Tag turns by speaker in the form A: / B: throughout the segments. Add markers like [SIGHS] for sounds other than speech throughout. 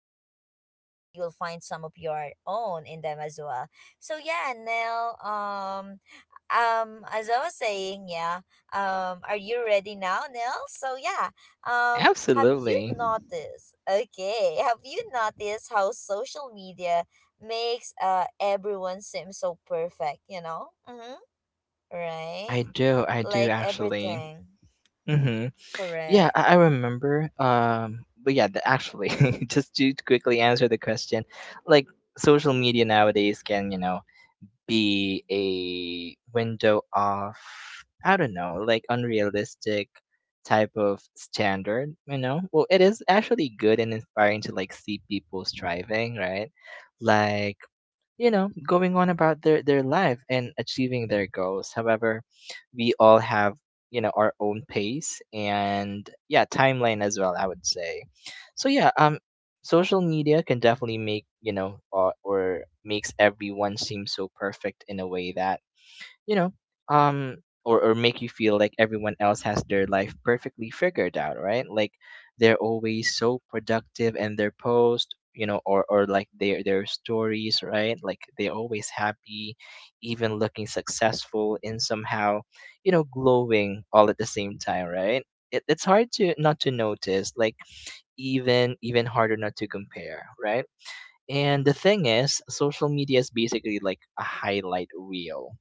A: of mine and maybe you'll find some of your own in them as well. So yeah, Nell, as I was saying, yeah. Are you ready now, Nell? So yeah, have you
B: Absolutely.
A: noticed, okay, [LAUGHS] have you noticed how social media makes everyone seem so perfect? Mm-hmm. Right.
B: I do. I do
A: Like
B: actually.
A: everything.
B: Mm-hmm. Yeah,
A: Correct.
B: I remember. But yeah, actually, [LAUGHS] just to quickly answer the question, like social media nowadays can, be a window of I don't know, like unrealistic type of standard, you know? Well, it is actually good and inspiring to like see people striving, right? Like you know, going on about their life and achieving their goals. However, we all have, you know, our own pace and yeah, timeline as well, I would say. So yeah, social media can definitely make, you know, or makes everyone seem so perfect in a way that you know um or make you feel like everyone else has their life perfectly figured out, right? Like they're always so productive in their post, you know, or like their stories, right? Like they're always happy, even looking successful and somehow, you know, glowing all at the same time, right? It's hard to not to notice like even harder not to compare, right? And the thing is, social media is basically like a highlight reel.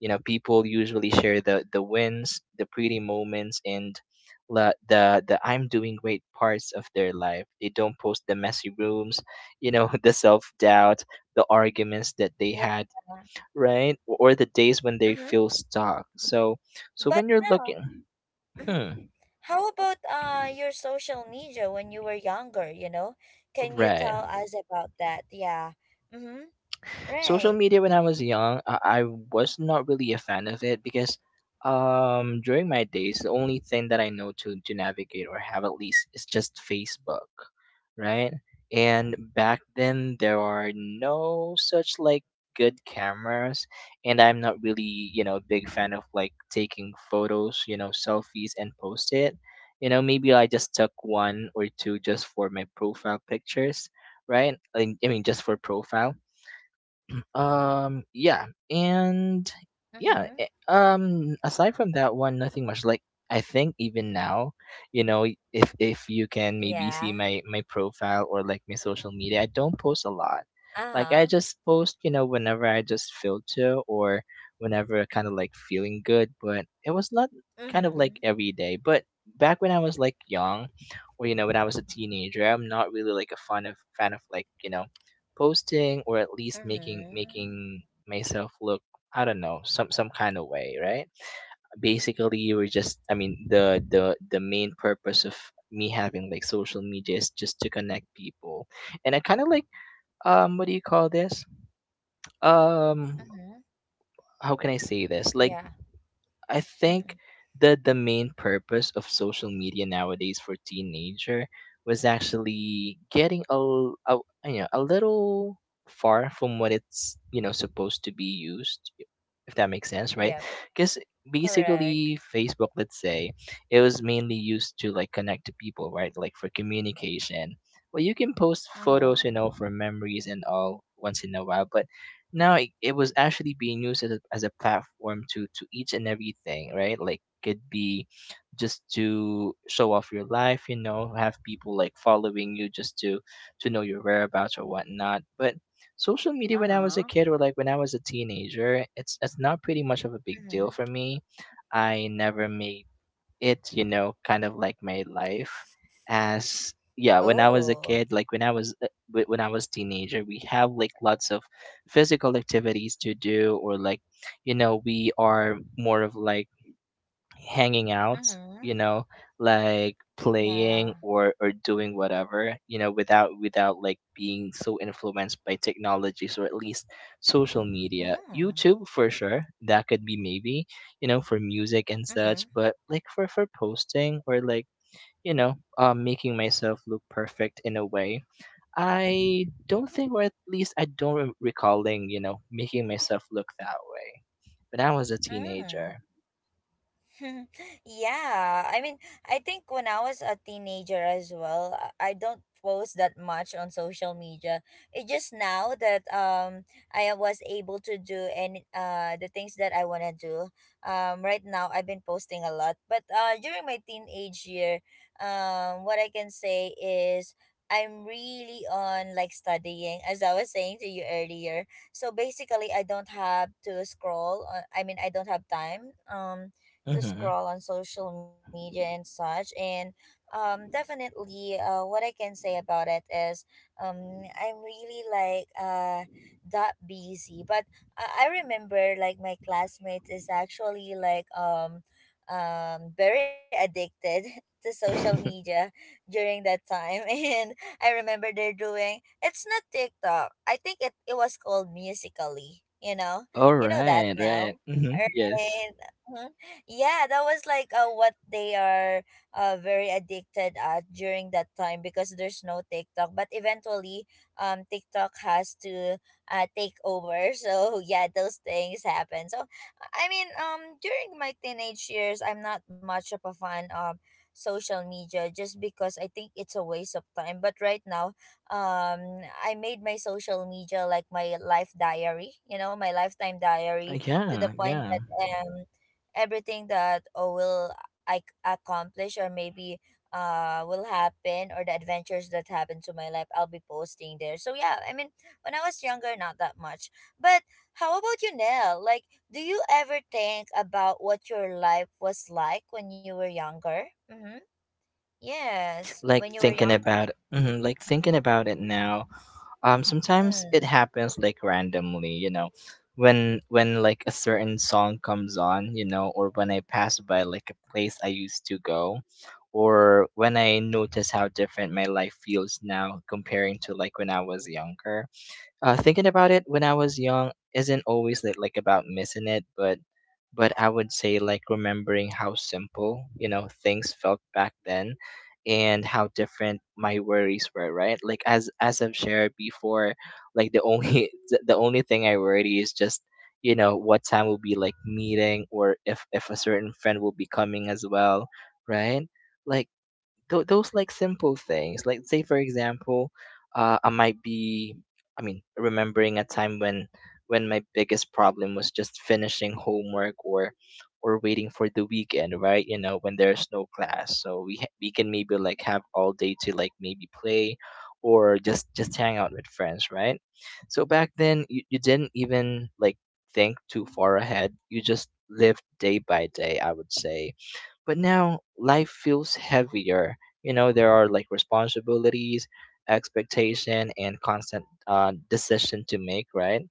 B: You know, people usually share the wins, the pretty moments, and the I'm doing great parts of their life. They don't post the messy rooms, you know, [LAUGHS] the self doubt, the arguments that they
A: Yeah.
B: had, right, or the days when they
A: Mm-hmm.
B: feel stuck. So, so
A: But
B: when you're
A: now.
B: looking,
A: Mm-hmm.
B: hmm,
A: How about your social media when you were younger? Can you
B: right.
A: tell us about that? Yeah. Mm-hmm.
B: Social
A: Right.
B: media when I was young, I was not really a fan of it because during my days the only thing that I know to navigate or have at least is just Facebook, right? And back then there are no such like good cameras and I'm not really, you know, a big fan of like taking photos, you know, selfies and post it. You know, maybe I just took one or two just for my profile pictures, right? I mean just for profile. Yeah, and yeah,
A: Mm-hmm.
B: aside from that one, nothing much. Like I think even now, you know, if you can maybe see
A: Yeah.
B: my profile or like my social media, I don't post a lot. Like I
A: Uh-huh.
B: just post, you know, whenever I just feel to or whenever I kind of like feeling good. But it was not kind of
A: Mm-hmm.
B: like every day. But back when I was like young, or you know, when I was a teenager, I'm not really like a fan of like you know posting or at least
A: Mm-hmm.
B: making myself look I don't know some kind of way, right? Basically you were just, I mean the main purpose of me having like social media is just to connect people. And I kind of like, what do you call this, um
A: Mm-hmm.
B: how can I say this, like
A: Yeah.
B: I think
A: [LAUGHS]
B: that the main purpose of social media nowadays for teenager was actually getting a, a you know a little far from what it's you know supposed to be used, if that makes sense, right?
A: Yep.
B: Because
A: Correct.
B: basically Facebook, let's say, it was mainly used to like connect to people, right? Like for communication. Well, you can post photos,
A: Uh-huh.
B: you know, for memories and all once in a while, but now it was actually being used as a platform to each and everything, right? Like could be just to show off your life, you know, have people like following you just to know your whereabouts or whatnot. But social media when I was a
A: Uh-huh.
B: kid, or like when I was a teenager, it's not pretty much of a big deal for
A: Mm-hmm.
B: me. I never made it, you know, kind of like my life. As yeah, when I was a
A: Oh.
B: kid, like when I was when I was teenager, we have like lots of physical activities to do, or like you know we are more of like hanging out, you
A: Mm-hmm.
B: know, like playing
A: Yeah.
B: or doing whatever, you know, without like being so influenced by technologies or at least social media.
A: Mm-hmm.
B: YouTube for sure, that could be maybe, you know, for music and such,
A: Mm-hmm.
B: but like for posting or like, you know, making myself look perfect in a way. I don't think, or at least I don't recalling, you know, making myself look that way. When I was a
A: Mm.
B: teenager.
A: [LAUGHS] Yeah, I mean, I think when I was a teenager as well, I don't post that much on social media. It just now that I was able to do any the things that I want to do. Right now I've been posting a lot, but during my teenage year, what I can say is I'm really on, like, studying, as I was saying to you earlier. So basically I don't have to scroll. I mean, I don't have time to
B: Mhm.
A: scroll on social media and such. And definitely what I can say about it is I'm really, like, that busy. But I remember, like, my classmates is actually, like, very addicted [LAUGHS] to social
B: [LAUGHS]
A: media during that time [LAUGHS] and I remember they're doing it's not TikTok. I think it was called Musically.
B: All
A: You know that
B: right, right.
A: now,
B: Mm-hmm.
A: right?
B: Yes.
A: Mm-hmm. Yeah, that was, like, what they are, very addicted at during that time, because there's no TikTok. But eventually TikTok has to take over. [LAUGHS] So yeah, those things happen. So I mean, during my teenage years, I'm not much of a fan of social media just because I think it's a waste of time. But right now um I made my social media like my life diary, my lifetime diary, to the
B: Yeah,
A: point
B: yeah.
A: that um everything that, oh, will I accomplish, or maybe will happen, or the adventures that happen to my life, I'll be posting there. So yeah, I mean, when I was younger, not that much. But how about you, Nell? Like, do you ever think about what your life was like when you were younger? Mm-hmm. Yes, when
B: Like
A: you were
B: thinking
A: younger.
B: about mhm, like thinking about it now. Sometimes it
A: Mm.
B: happens like randomly, you know. When like a certain song comes on, you know, or when I pass by like a place I used to go, or when I notice how different my life feels now comparing to like when I was younger. Thinking about it when I was young isn't always like about missing it, but I would say like remembering how simple you know things felt back then, and how different my worries were. Right, like as I've shared before, like the only [LAUGHS] the only thing I worry is just you know what time will be like meeting or if a certain friend will be coming as well. Right, like those like simple things like say for example I might be I mean remembering a time when my biggest problem was just finishing homework or waiting for the weekend, right, you know, when there's no class so we we can maybe like have all day to like maybe play or just hang out with friends, right? So back then you didn't even like think too far ahead, you just lived day by day, I would say. But now life feels heavier, you know, there are like responsibilities, expectation and constant decision to make, right?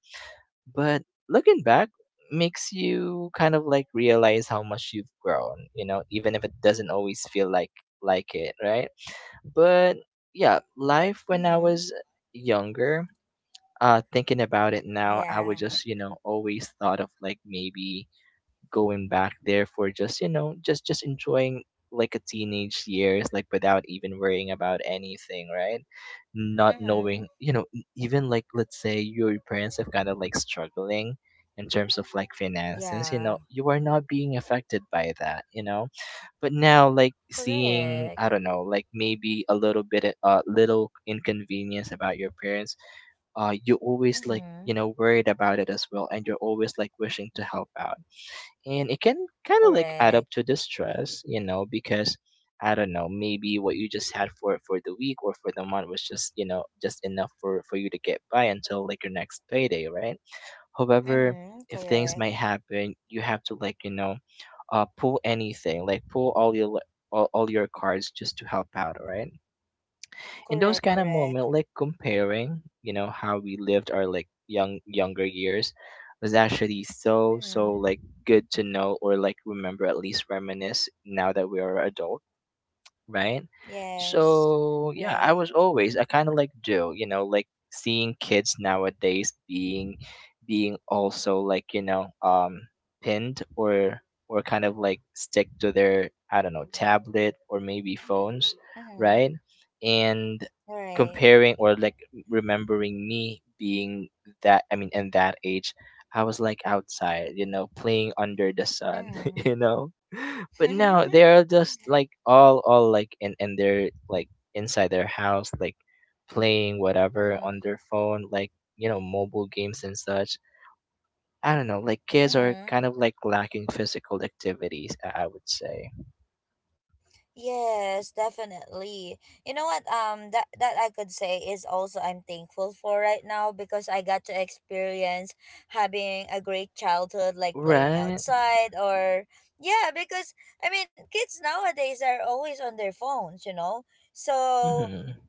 B: But looking back makes you kind of like realize how much you've grown, you know, even if it doesn't always feel like it, right? But yeah, life when I
A: Mm-hmm.
B: was younger, thinking about it now, I would
A: Yeah.
B: just you know always thought of like maybe going back there for just you know just enjoying like a teenage years like without even worrying about anything, right? Not
A: Mm-hmm.
B: knowing you know even like let's say your parents have kind of like struggling in terms of like finances, you know,
A: Yeah.
B: you are not being affected by that, you know. But now like seeing
A: Correct.
B: I don't know like maybe a little bit a little inconvenience about your parents, you always like you
A: Mm-hmm.
B: know worried about it as well and you're always like wishing to help out. And it can kind of like add up
A: Correct.
B: to the stress, you know, because I don't know, maybe what you just had for the week or for the month was just you know just enough for you to get by until like your next payday, right? However,
A: Mm-hmm.
B: if things
A: Correct.
B: might happen, you have to like you know pull anything, like pull all your all your cards just to help out, right? In those
A: Correct,
B: kind of
A: correct.
B: moment, like comparing you know how we lived our like younger years was actually so so
A: Mm-hmm.
B: like good to know or like remember, at least reminisce now that we are adults, right?
A: Yes.
B: So yeah, I
A: Right.
B: was always I kind of like do, you know, like seeing kids nowadays being also like you know pinned or kind of like stick to their I don't know tablet or maybe phones,
A: Mm-hmm.
B: right? And
A: Right.
B: comparing or like remembering me being that, I mean in that age. I was like outside, you know, playing under the sun, [LAUGHS]
A: Mm-hmm.
B: you know, [LAUGHS] but no, they
A: [LAUGHS]
B: are just like all like in, and they're like inside their house, like playing whatever
A: Mm-hmm.
B: on their phone, like you know mobile games and such. I don't know, like kids are
A: Mm-hmm.
B: kind of like lacking physical activities. I would say,
A: Yes, definitely. You know what? That I could say is also I'm thankful for right now, because I got to experience having a great childhood, like playing
B: right?
A: outside or yeah. Because I mean, kids nowadays are always on their phones. So
B: Mm-hmm.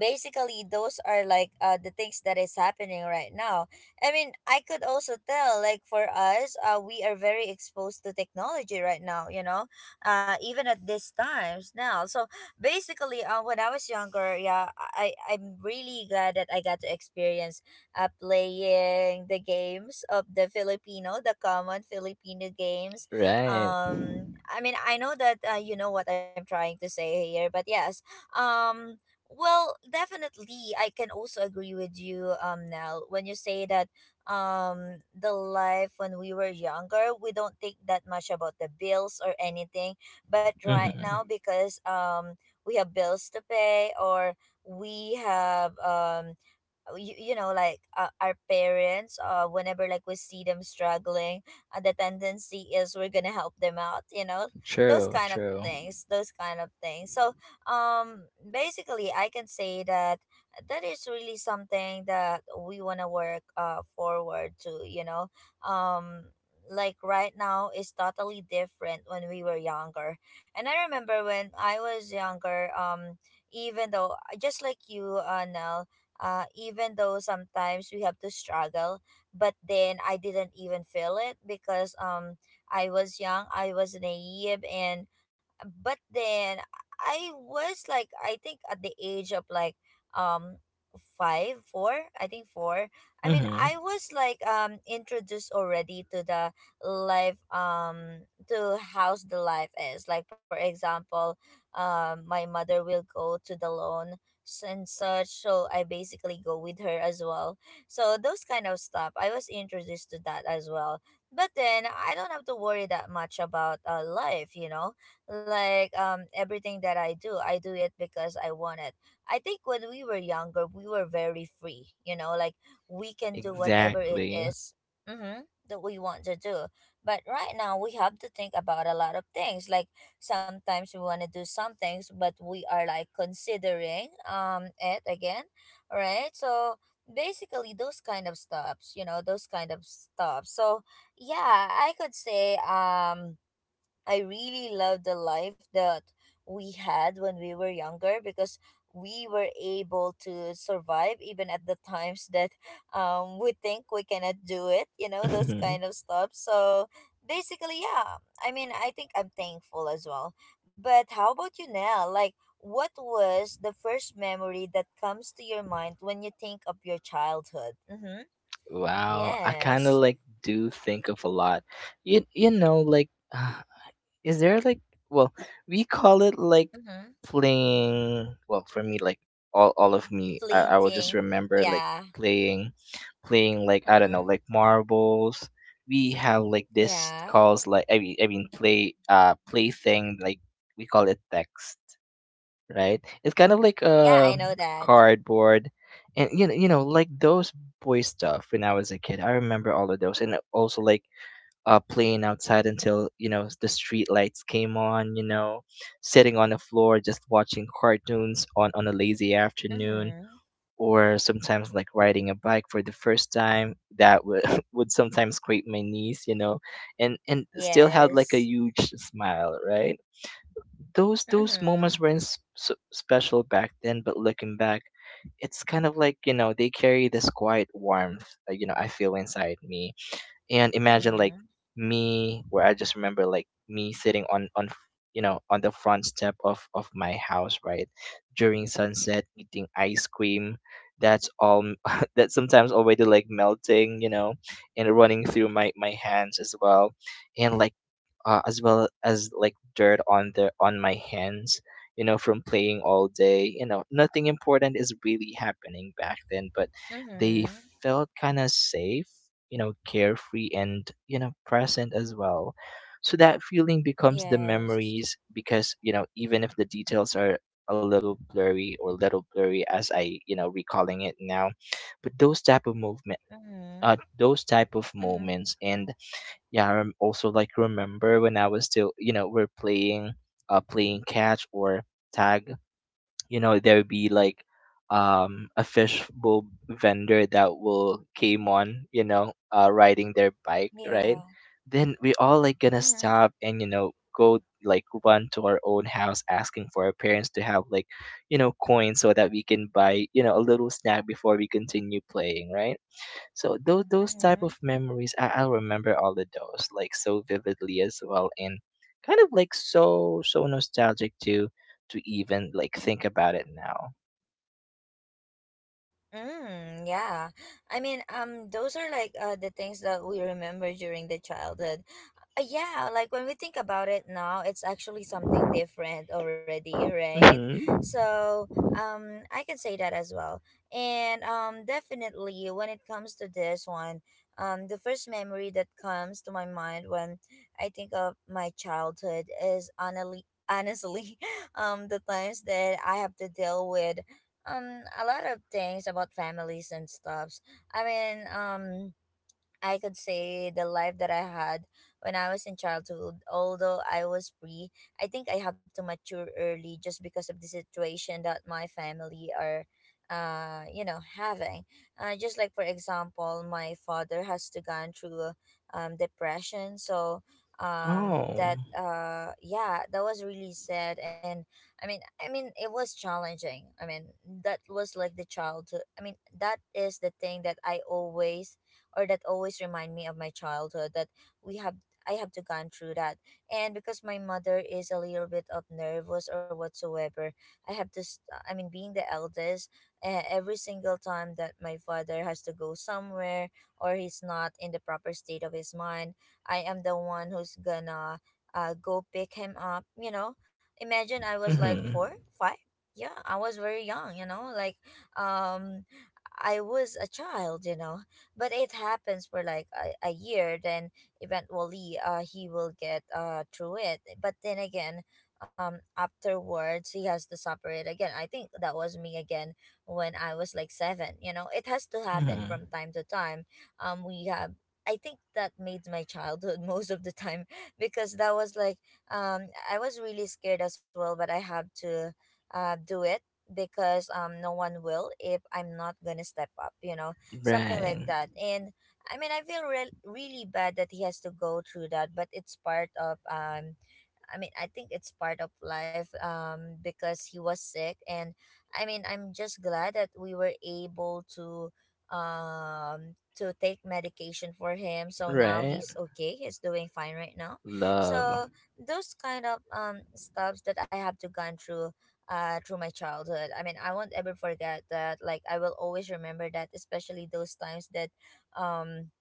A: basically those are like the things that is happening right now. I mean, I could also tell, like, for us, we are very exposed to technology right now. Even at these times now. So basically when I was younger, yeah, I'm really glad that I got to experience playing the games of the common Filipino games.
B: Right.
A: I mean, I know that, you know what I'm trying to say here, but yes. um well, definitely, I can also agree with you, Nell, when you say that the life when we were younger, we don't think that much about the bills or anything. But right
B: Mm-hmm.
A: now, because we have bills to pay, or we have, you know, like, our parents, whenever, like, we see them struggling, the tendency is we're gonna help them out, those
B: True.
A: kind of
B: True.
A: things, those kind of things. So um basically I can say that that is really something that we want to work forward to. um like, right now is totally different when we were younger. And I remember when I was younger, even though, just like you, now, even though sometimes we have to struggle, but then I didn't even feel it, because I was young, I was naive. And but then I was like, I think, at the age of, like, um 5, 4 I think four. I mean,
B: Mm-hmm.
A: I was like, introduced already to the life, to how's the life is, like, for example, my mother will go to the loan and such. So I basically go with her as well. So those kind of stuff, I was introduced to that as well. But then I don't have to worry that much about life, you know? Like, everything that I do it because I want it. I think when we were younger, we were very free, like, we can do whatever it
B: Exactly.
A: is, mm-hmm, that we want to do. But right now, we have to think about a lot of things. Like, sometimes we want to do some things, but we are, like, considering it again, right. So basically those kind of stops, those kind of stops. So yeah, I could say, I really love the life that we had when we were younger, because we were able to survive even at the times that, we think we cannot do it, those
B: Mhm.
A: kind of stuff. So basically, yeah, I mean, I think I'm thankful as well. But how about you now? Like, what was the first memory that comes to your mind when you think of your childhood? Mm-hmm.
B: Wow, I kind of
A: Yes.
B: like do think of a lot. You know, like [SIGHS] is there like, well, we call it like
A: Mm-hmm.
B: playing, well for me like, all of me, I will just
A: Flinting.
B: remember like
A: Yeah.
B: playing, playing like, I don't know,
A: Mm-hmm.
B: like marbles. We have like this
A: Yeah.
B: calls like, I mean play play thing like, we call it text, right? It's kind of like
A: Yeah,
B: a
A: I know that.
B: cardboard, and you know like those boy stuff when I was a kid. I remember all of those, and also like playing outside until, you know, the street lights came on. You know, sitting on the floor just watching cartoons on a lazy afternoon,
A: Mhm.
B: or sometimes like riding a bike for the first time. That would [LAUGHS] would sometimes scrape my knees. You know, and still had like a
A: Yes.
B: huge smile. Right, those moments
A: Mhm.
B: were special back then, but looking back, it's kind of like, you know, they carry this quiet warmth, you know, I feel inside me, and imagine like
A: Mhm.
B: me, where I just remember like me sitting on, you know, on the front step of my house, right, during sunset, eating ice cream. That's all [LAUGHS] that's sometimes already like melting, you know, and running through my hands as well, and like as well as like dirt on the on my hands, you know, from playing all day. You know, nothing important is really happening back then, but they
A: Mhm.
B: felt kind of safe, you know, carefree, and you know, present as well. So that feeling becomes the
A: Yes.
B: memories, because, you know, even if the details are a little blurry, or little blurry as I, you know, recalling it now. But those type of movement,
A: Mhm.
B: those type of
A: Mhm.
B: moments, and yeah, I also like remember when I was still, you know, we're playing, playing catch or tag. You know, there would be like, a fishbowl vendor that will came on, you know, riding their bike, right?
A: Yeah.
B: Then we all like gonna
A: Mhm.
B: stop and, you know, go like run to our own house asking for our parents to have like, you know, coins so that we can buy, you know, a little snack before we continue playing, right? So those type
A: Mhm.
B: of memories, I'll remember all of those like so vividly as well, and kind of like so nostalgic to even like think about it now.
A: Mm, yeah. I mean, those are like, the things that we remember during the childhood. Yeah, like, when we think about it now, it's actually something different already, right?
B: Mm-hmm.
A: So, I can say that as well. And definitely, when it comes to this one, the first memory that comes to my mind when I think of my childhood is honestly, honestly, [LAUGHS] the times that I have to deal with a lot of things about families and stuffs. I mean, I could say the life that I had when I was in childhood, although I was free, I think I have to mature early just because of the situation that my family are having. Just like, for example, my father has to gone through depression. So
B: Oh.
A: that yeah, that was really sad. And I mean, it was challenging. I mean, that was like the childhood. I mean, that is the thing that I always or that always remind me of my childhood, that we have I have to gone through that. And because my mother is a little bit of nervous or whatsoever, I have to I mean, being the eldest, every single time that my father has to go somewhere, or he's not in the proper state of his mind, I am the one who's gonna go pick him up. Imagine I was like 4,
B: Mm-hmm.
A: 5. Yeah, I was very young, like, um I was a child, but it happens for like a year, then eventually he will get through it. But then again, afterwards, he has to suffer it again. I think that was me again when I was like seven. It has to happen from
B: Mm-hmm.
A: time to time. We have I think that made my childhood [LAUGHS] most of the time [LAUGHS] because that was like, I was really scared as well, but I have to do it, because no one will if I'm not gonna step up, something like
B: Right.
A: that. And I mean, I feel really bad that he has to go through that, but it's part of I mean, I think it's part of life, because he was sick. And I'm just glad that we were able to take medication for him, so now
B: Right.
A: he's okay, he's doing fine right now.
B: Love.
A: So those kind of stuffs that I have to gone through through my childhood, I won't ever forget that. Like I will always remember that, especially those times that um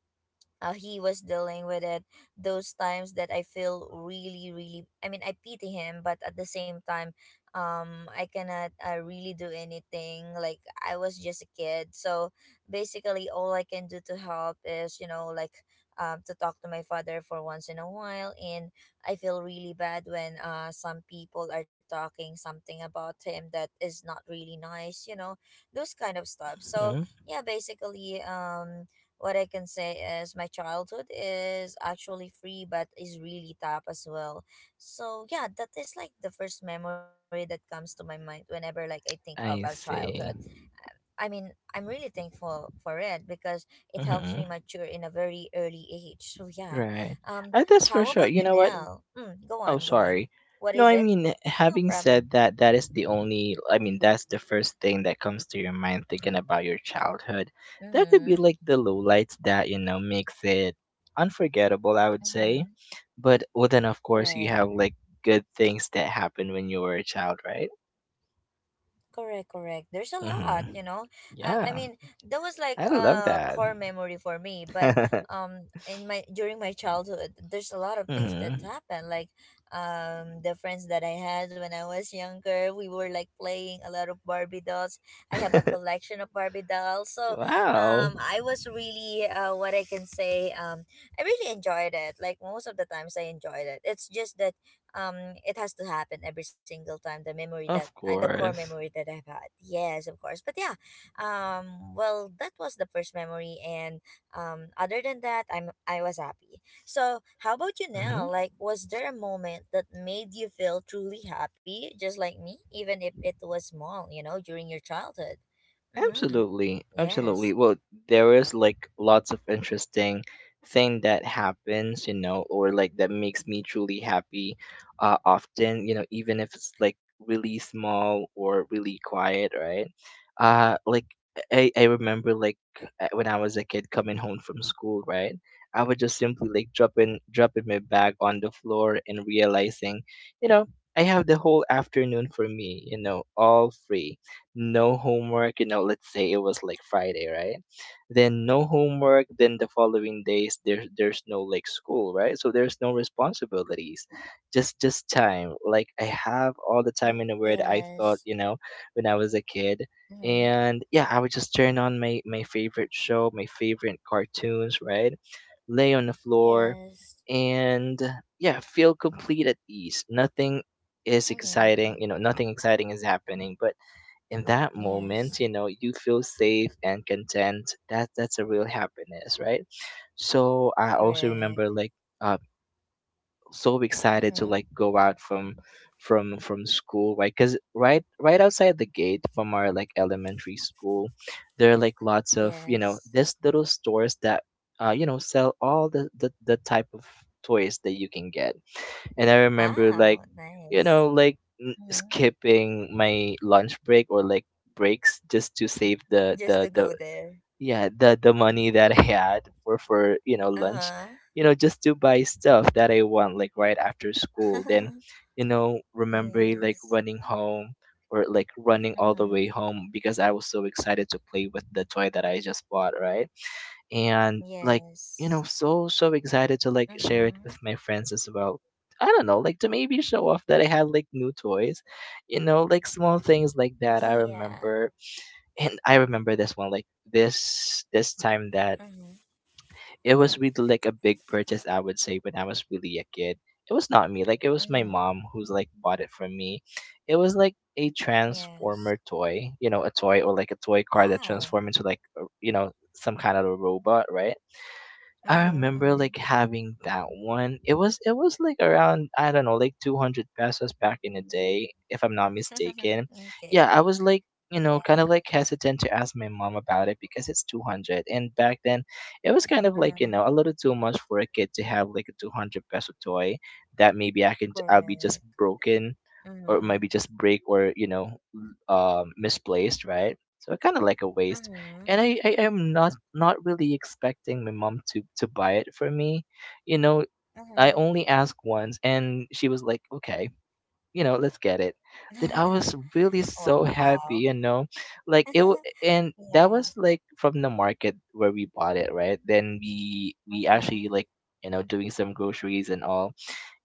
A: he was dealing with it, those times that I feel really, I pity him, but at the same time I cannot really do anything. Like I was just a kid, so basically all I can do to help is to talk to my father for once in a while. And I feel really bad when some people are talking something about him that is not really nice. Those kind of stuff. So
B: Hmm.
A: yeah, basically what I can say is my childhood is actually free but is really tough as well. So yeah, that is like the first memory that comes to my mind whenever, like, I think of our
B: I
A: childhood.
B: see.
A: Uh, I mean, I'm really thankful for it, because it helps me
B: Mm-hmm.
A: mature in a very early age. So yeah.
B: Right.
A: Um,
B: That's for
A: how
B: sure.
A: about
B: You
A: you,
B: know what?
A: Nell? Mm, go
B: Oh,
A: on, go on.
B: sorry.
A: What
B: No,
A: is
B: I
A: it?
B: mean, eh,
A: No
B: having
A: problem.
B: said that, that is the only, I mean, that's the first thing that comes to your mind thinking about your childhood. That could be
A: Mhm.
B: like the lowlights that, you know, makes it unforgettable, I would say.
A: Mhm.
B: But well, then, of
A: All
B: course, you
A: right.
B: have like good things that happen when you were a child, right?
A: Correct, correct. There's a lot,
B: Mm-hmm.
A: you know. Uh, I
B: Yeah,
A: mean, that was like
B: I love
A: a
B: that.
A: core memory for me. But
B: [LAUGHS]
A: in my during my childhood, there's a lot of things that
B: Mm-hmm.
A: happened. Like, the friends that I had when I was younger, we were like playing a lot of Barbie dolls. I have a
B: [LAUGHS]
A: collection of Barbie dolls, so
B: Wow,
A: I was really what I can say. I really enjoyed it. Like most of the times, I enjoyed it. It's just that it has to happen every single time. The memory that
B: of
A: the core
B: course.
A: memory that I've had, yes, of course, but yeah, well, that was the first memory. And other than that, I was happy. So how about you
B: Mhm.
A: now? Like, was there a moment that made you feel truly happy just like me, even if it was small, you know, during your childhood? Mm-hmm.
B: Absolutely,
A: Yes.
B: absolutely. Well, there is like lots of interesting thing that happens, you know, or like that makes me truly happy. Often, you know, even if it's like really small or really quiet, right? Like I remember like when I was a kid coming home from school, right? I would just simply like dropping my bag on the floor and realizing, you know, I have the whole afternoon for me, you know, all free, no homework. You know, let's say it was like Friday, right? Then no homework, then the following days there's no like school, right? So there's no responsibilities. Just time. Like I have all the time in the world I
A: Yes.
B: thought, you know, when I was a kid.
A: Mm-hmm.
B: And yeah, I would just turn on my favorite show, my favorite cartoons, right? Lay on the floor,
A: Yes.
B: and yeah, feel complete at ease. Nothing is
A: Mm-hmm.
B: exciting, you know, nothing exciting is happening, but in that
A: Yes.
B: moment you know you feel safe and content, that that's a real happiness, right? So I also
A: Correct.
B: remember like uh so excited to
A: Mm-hmm.
B: like go out from from school, right, because right right outside the gate from our like elementary school, there are like lots of, you
A: Yes.
B: know, this little stores that you know sell all the the type of toys that you can get. And I remember like,
A: Wow,
B: you know,
A: nice.
B: like
A: Mhm.
B: skipping my lunch break or like breaks just to save the
A: Just to
B: the the
A: go there.
B: yeah the money that I had for, you know, lunch,
A: Uh-huh.
B: you know, just to buy stuff that I want like right after school. Then,
A: [LAUGHS]
B: you know, remember like
A: Yes.
B: running home, or like running all the
A: Hmm.
B: way home because I was so excited to play with the toy that I just bought, right? And like, you
A: Yes.
B: know, so excited to like share it
A: Mm-hmm.
B: with my friends as well. I don't know, like to maybe show off that I had like new toys, you know, like small things like that I
A: Yeah.
B: remember. And I remember this one like this time that
A: Mm-hmm.
B: it was really like a big purchase, I would say. When I was really a kid, it was not me, like it was my mom
A: Mm-hmm.
B: who's like bought it for me. It was like a
A: Yes.
B: transformer toy, you know, a toy, or like a toy car that
A: Wow.
B: transformed into like you know some kind of a robot, right? I remember like
A: Mm-hmm.
B: having that one. It was like around, I don't know, like 200 pesos back in the day, if I'm not
A: [LAUGHS]
B: mistaken.
A: Okay.
B: Yeah, I was like, you know, kind
A: Yeah.
B: of like hesitant to ask my mom about it because it's 200, and back then it was kind of like, you
A: Mm.
B: know, a little too much for a kid to have like a 200 peso toy, that maybe I can, I'll be just
A: Correct.
B: broken, or
A: Mm-hmm.
B: maybe just break, or you know, misplaced, right? So I kind of like a waste,
A: Mm-hmm.
B: and I am not really expecting my mom to buy it for me. You know, I
A: Mm-hmm.
B: only asked once, and she was like, "Okay, you know, let's get it." Then I was
A: [LAUGHS]
B: really so happy,
A: Wow.
B: you know, like it,
A: [LAUGHS]
B: and that
A: Yeah.
B: was like from the market where we bought it, right? Then we actually
A: Mm-hmm.
B: like, you know, doing some groceries and all,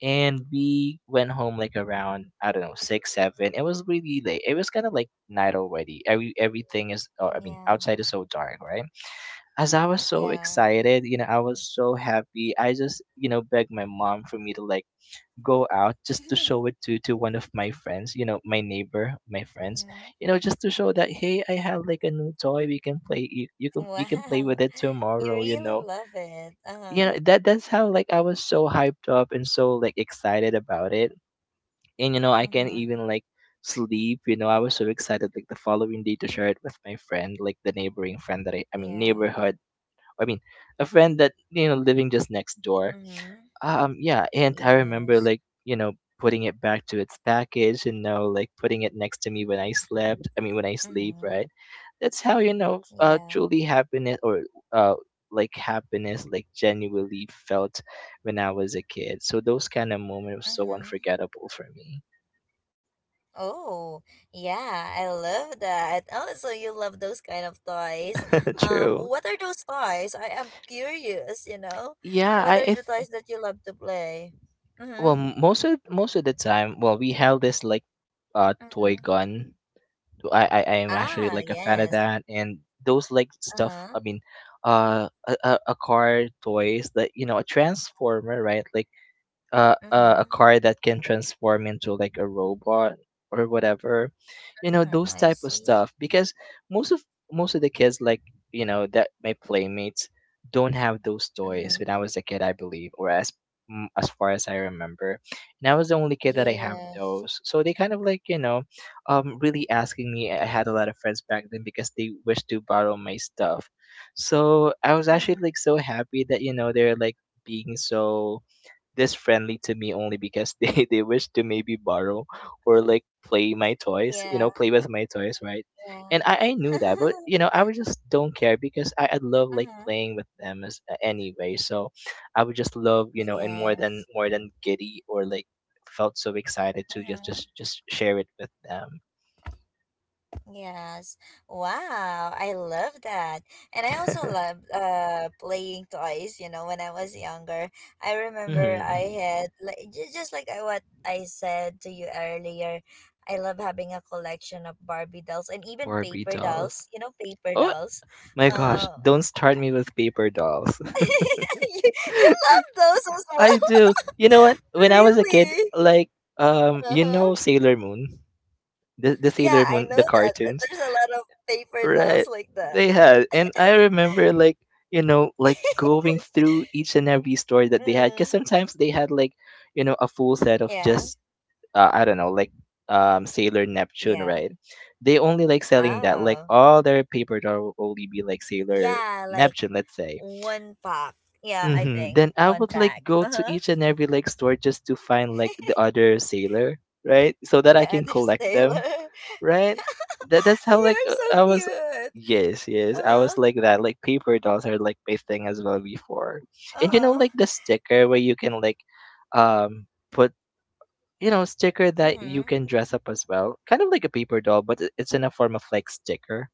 B: and we went home like around, I don't know, 6 7. It was really late. It was kind of like night already. Everything is, or, I mean,
A: Yeah.
B: outside is so dark, right? As I was so
A: Yeah.
B: excited, you know, I was so happy, I just, you know, begged my mom for me to like go out just to show it
A: [LAUGHS]
B: to one of my friends, you know, my neighbor, my friends,
A: Mm-hmm.
B: you know, just to show that hey, I have like a new toy. We can play. You can we can play with
A: Wow. [LAUGHS]
B: it
A: You
B: tomorrow.
A: really love it.
B: You
A: Uh-huh.
B: know that that's how like I was so hyped up and so like excited about it. And you know I can
A: Mhm.
B: even like sleep, you know, I was so excited like the following day to share it with my friend, like the neighboring friend that I mean
A: Yeah.
B: neighborhood. I mean, a friend that, you know, living just next door.
A: Mhm.
B: Yeah, and I remember
A: Yes.
B: like, you know, putting it back to its package, you know, like putting it next to me when I mean when I sleep,
A: Mhm.
B: right? That's how, you know,
A: Yeah.
B: truly happiness, or uh like happiness like genuinely felt when I was a kid. So those kind of moments were so
A: Mhm.
B: unforgettable for me.
A: Oh, yeah, I love that. Oh, so you love those kind of toys.
B: [LAUGHS] True.
A: What are those toys? I am curious, you know.
B: Yeah, I,
A: What are the toys that you love to play?
B: well
A: Mm-hmm.
B: most of the time, well we have this like
A: Mhm.
B: toy gun. I am
A: Ah,
B: actually like a fan of
A: yes.
B: that, and those like stuff.
A: Uh-huh.
B: I mean, a, a car toys that, you know, a transformer, right? Like a
A: Mhm.
B: car that can transform into like a robot or whatever, you know,
A: Hmm,
B: those
A: I
B: type of
A: see.
B: stuff, because most of most of the kids like, you know, that my playmates don't have those toys
A: Mhm.
B: when I was a kid, I believe, or as mm, as far as I remember. And I was the only kid that I have
A: Yes.
B: those, so they kind of like, you know, really asking me, I had a lot of friends back then because they wished to borrow my stuff. So I was
A: Mhm.
B: actually like so happy that, you know, they're like being so this friendly to me only because they [LAUGHS] they wish to maybe borrow or like play my toys,
A: Yeah,
B: you know, play with my toys, right?
A: yeah.
B: And I knew that, but
A: [LAUGHS]
B: you know I would just don't care because I love like
A: mm-hmm.
B: playing with them as anyway. So I would just love, you know, and more than
A: Yes.
B: more than giddy, or like felt so excited to just
A: Mm-hmm.
B: just just share it with them.
A: Yes. Wow, I love that. And I also love playing toys, you know, when I was younger. I
B: [LAUGHS]
A: remember I
B: Hmm.
A: had like just like what I said to you earlier, I love having a collection of Barbie dolls, and even
B: Barbie
A: paper dolls,
B: dolls,
A: you know, paper
B: oh
A: dolls.
B: my gosh,
A: Uh
B: don't start me with paper dolls.
A: [LAUGHS] you, you love those as
B: I
A: well. [LAUGHS]
B: do. You know what? When I was a kid,
A: Really?
B: like, you
A: Uh-huh.
B: know, Sailor Moon, the
A: Yeah,
B: Sailor
A: I know
B: Moon, the
A: that.
B: cartoons,
A: There's a lot of paper dolls
B: right?
A: like that.
B: They had, and I remember like, you know, like going through each and every story that they had, because
A: Mm,
B: sometimes they had like, you know, a full set of
A: yeah,
B: just I don't know like Sailor Neptune,
A: yeah.
B: right? They only like selling that, like
A: Oh,
B: all their paper doll will only be like Sailor
A: yeah, like
B: Neptune, let's say.
A: one pack. Yeah, I
B: Mm-hmm.
A: think
B: Then I
A: one
B: would like
A: pack.
B: go
A: Uh
B: to
A: huh.
B: each and every like store just to find like the
A: [LAUGHS]
B: other sailor, right? So that I
A: the
B: can
A: other
B: collect
A: sailor.
B: them,
A: [LAUGHS]
B: right? That that's how like
A: You're so
B: I was.
A: cute.
B: Yes, yes,
A: Uh
B: I was
A: huh.
B: like that. Like paper dolls are like my thing as well before, and
A: Uh
B: you know like
A: huh.
B: the sticker where you can like, put, you know, sticker that you
A: Mm-hmm.
B: can dress up as well, kind of like a paper doll, but it- it's in a form of like sticker.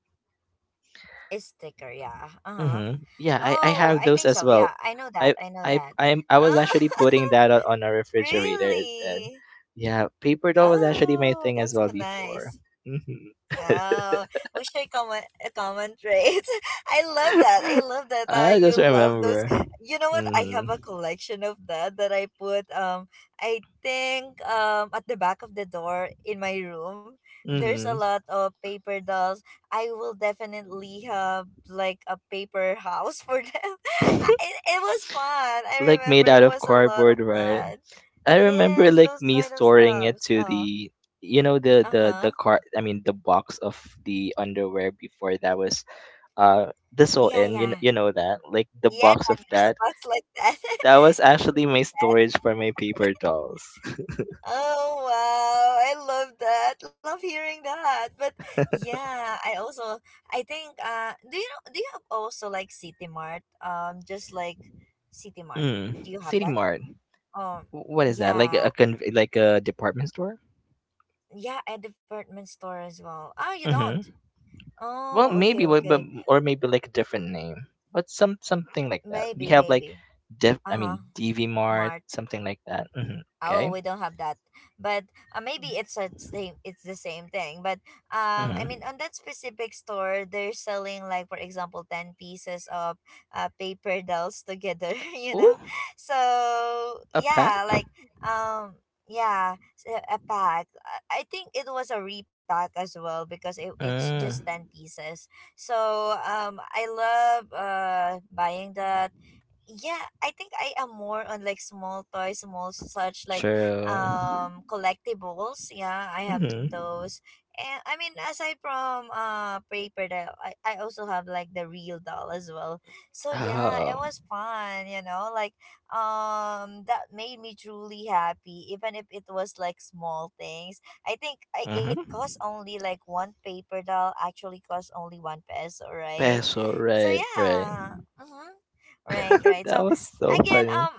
A: It's sticker, yeah. Uh huh.
B: Mm-hmm. Yeah, I
A: Oh,
B: have
A: I
B: those
A: think
B: as
A: so.
B: well.
A: Yeah, I know that.
B: I
A: I know
B: I
A: that.
B: I'm I was
A: Oh,
B: actually putting that on a
A: [LAUGHS]
B: refrigerator then.
A: really?
B: Yeah, paper doll was actually my
A: Oh,
B: thing as
A: that's
B: well
A: so
B: before.
A: nice.
B: Mm-hmm.
A: Wow, we I comment comment rate. [LAUGHS] I love that. I love
B: [LAUGHS]
A: that.
B: I just
A: You love those.
B: remember.
A: You know what? I have
B: Mm-hmm.
A: a collection of that that I put. I think, um, at the back of the door in my room, there's a
B: Mm-hmm.
A: lot of paper dolls. I will definitely have like a paper house for them. [LAUGHS]
B: [LAUGHS]
A: It was fun. I
B: Like made
A: remember
B: out
A: it
B: of
A: was a lot of
B: cardboard, right?
A: fun.
B: I remember
A: Yes,
B: like
A: those
B: me
A: kind of
B: storing it
A: stuffs.
B: to the, you know,
A: Uh huh.
B: the car I mean the box of the underwear before that was the sew
A: Yeah,
B: in you,
A: yeah.
B: you know that like the
A: Yeah,
B: box of
A: there's a
B: that.
A: box like that. [LAUGHS]
B: That was actually my storage for my paper dolls. [LAUGHS]
A: Oh wow, I love that. Love hearing that. But yeah, I also I think do you know do you have also like City Mart? Um, just like City Mart. Do
B: Mm.
A: you have
B: City
A: that?
B: Mart.
A: Um,
B: What is that? Like
A: yeah.
B: a like a department store?
A: Yeah, a department store as well. Oh, you don't.
B: Mm-hmm. Well,
A: Oh,
B: maybe,
A: okay,
B: but
A: okay.
B: or maybe like a different name, but some something like that.
A: Maybe,
B: We have like,
A: maybe.
B: I
A: Uh-huh.
B: mean, DV Mart,
A: Mart.
B: something like that. Mm-hmm.
A: Oh,
B: Okay.
A: we don't have that, but maybe it's a same. It's the same thing, but
B: Mm-hmm.
A: on that specific store, they're selling, like, for example, ten pieces of paper dolls together. [LAUGHS] You
B: Ooh,
A: know, so
B: a
A: yeah,
B: pet.
A: like, um, yeah, a pack. I think it was a repack as well because it's just
B: Mm.
A: ten pieces. So I love buying that. Yeah, I think I am more on like small toys, small such like
B: True.
A: collectibles. Yeah, I have those.
B: Mm-hmm.
A: And I mean, aside from paper doll, I also have like the real doll as well. So yeah, it
B: Oh.
A: was fun, you know, like that made me truly happy even if it was like small things. I think I, it
B: Mm-hmm.
A: cost only like One paper doll actually cost only one peso, right?
B: Peso.
A: So
B: Right. Right.
A: yeah. Mm-hmm. Right,
B: [LAUGHS]
A: right.
B: That
A: So
B: was so
A: again,
B: funny.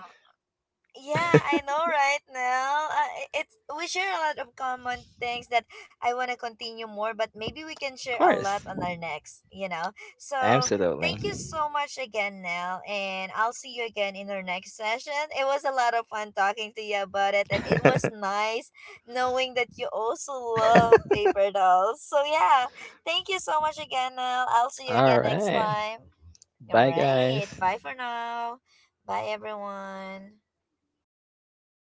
A: yeah, I know, right now. It's we share a lot of common things that I want to continue more, but maybe we can
B: Of
A: share a
B: course.
A: lot on our next. You know, so thank you
B: Absolutely.
A: so much again, Nell, and I'll see you again in our next session. It was a lot of fun talking to you about it, and it was
B: [LAUGHS]
A: nice knowing that you also love paper dolls. So yeah, thank you so much again, Nell. I'll see you
B: All
A: again next
B: right.
A: time. All
B: Bye,
A: right,
B: guys.
A: bye for now. Bye everyone.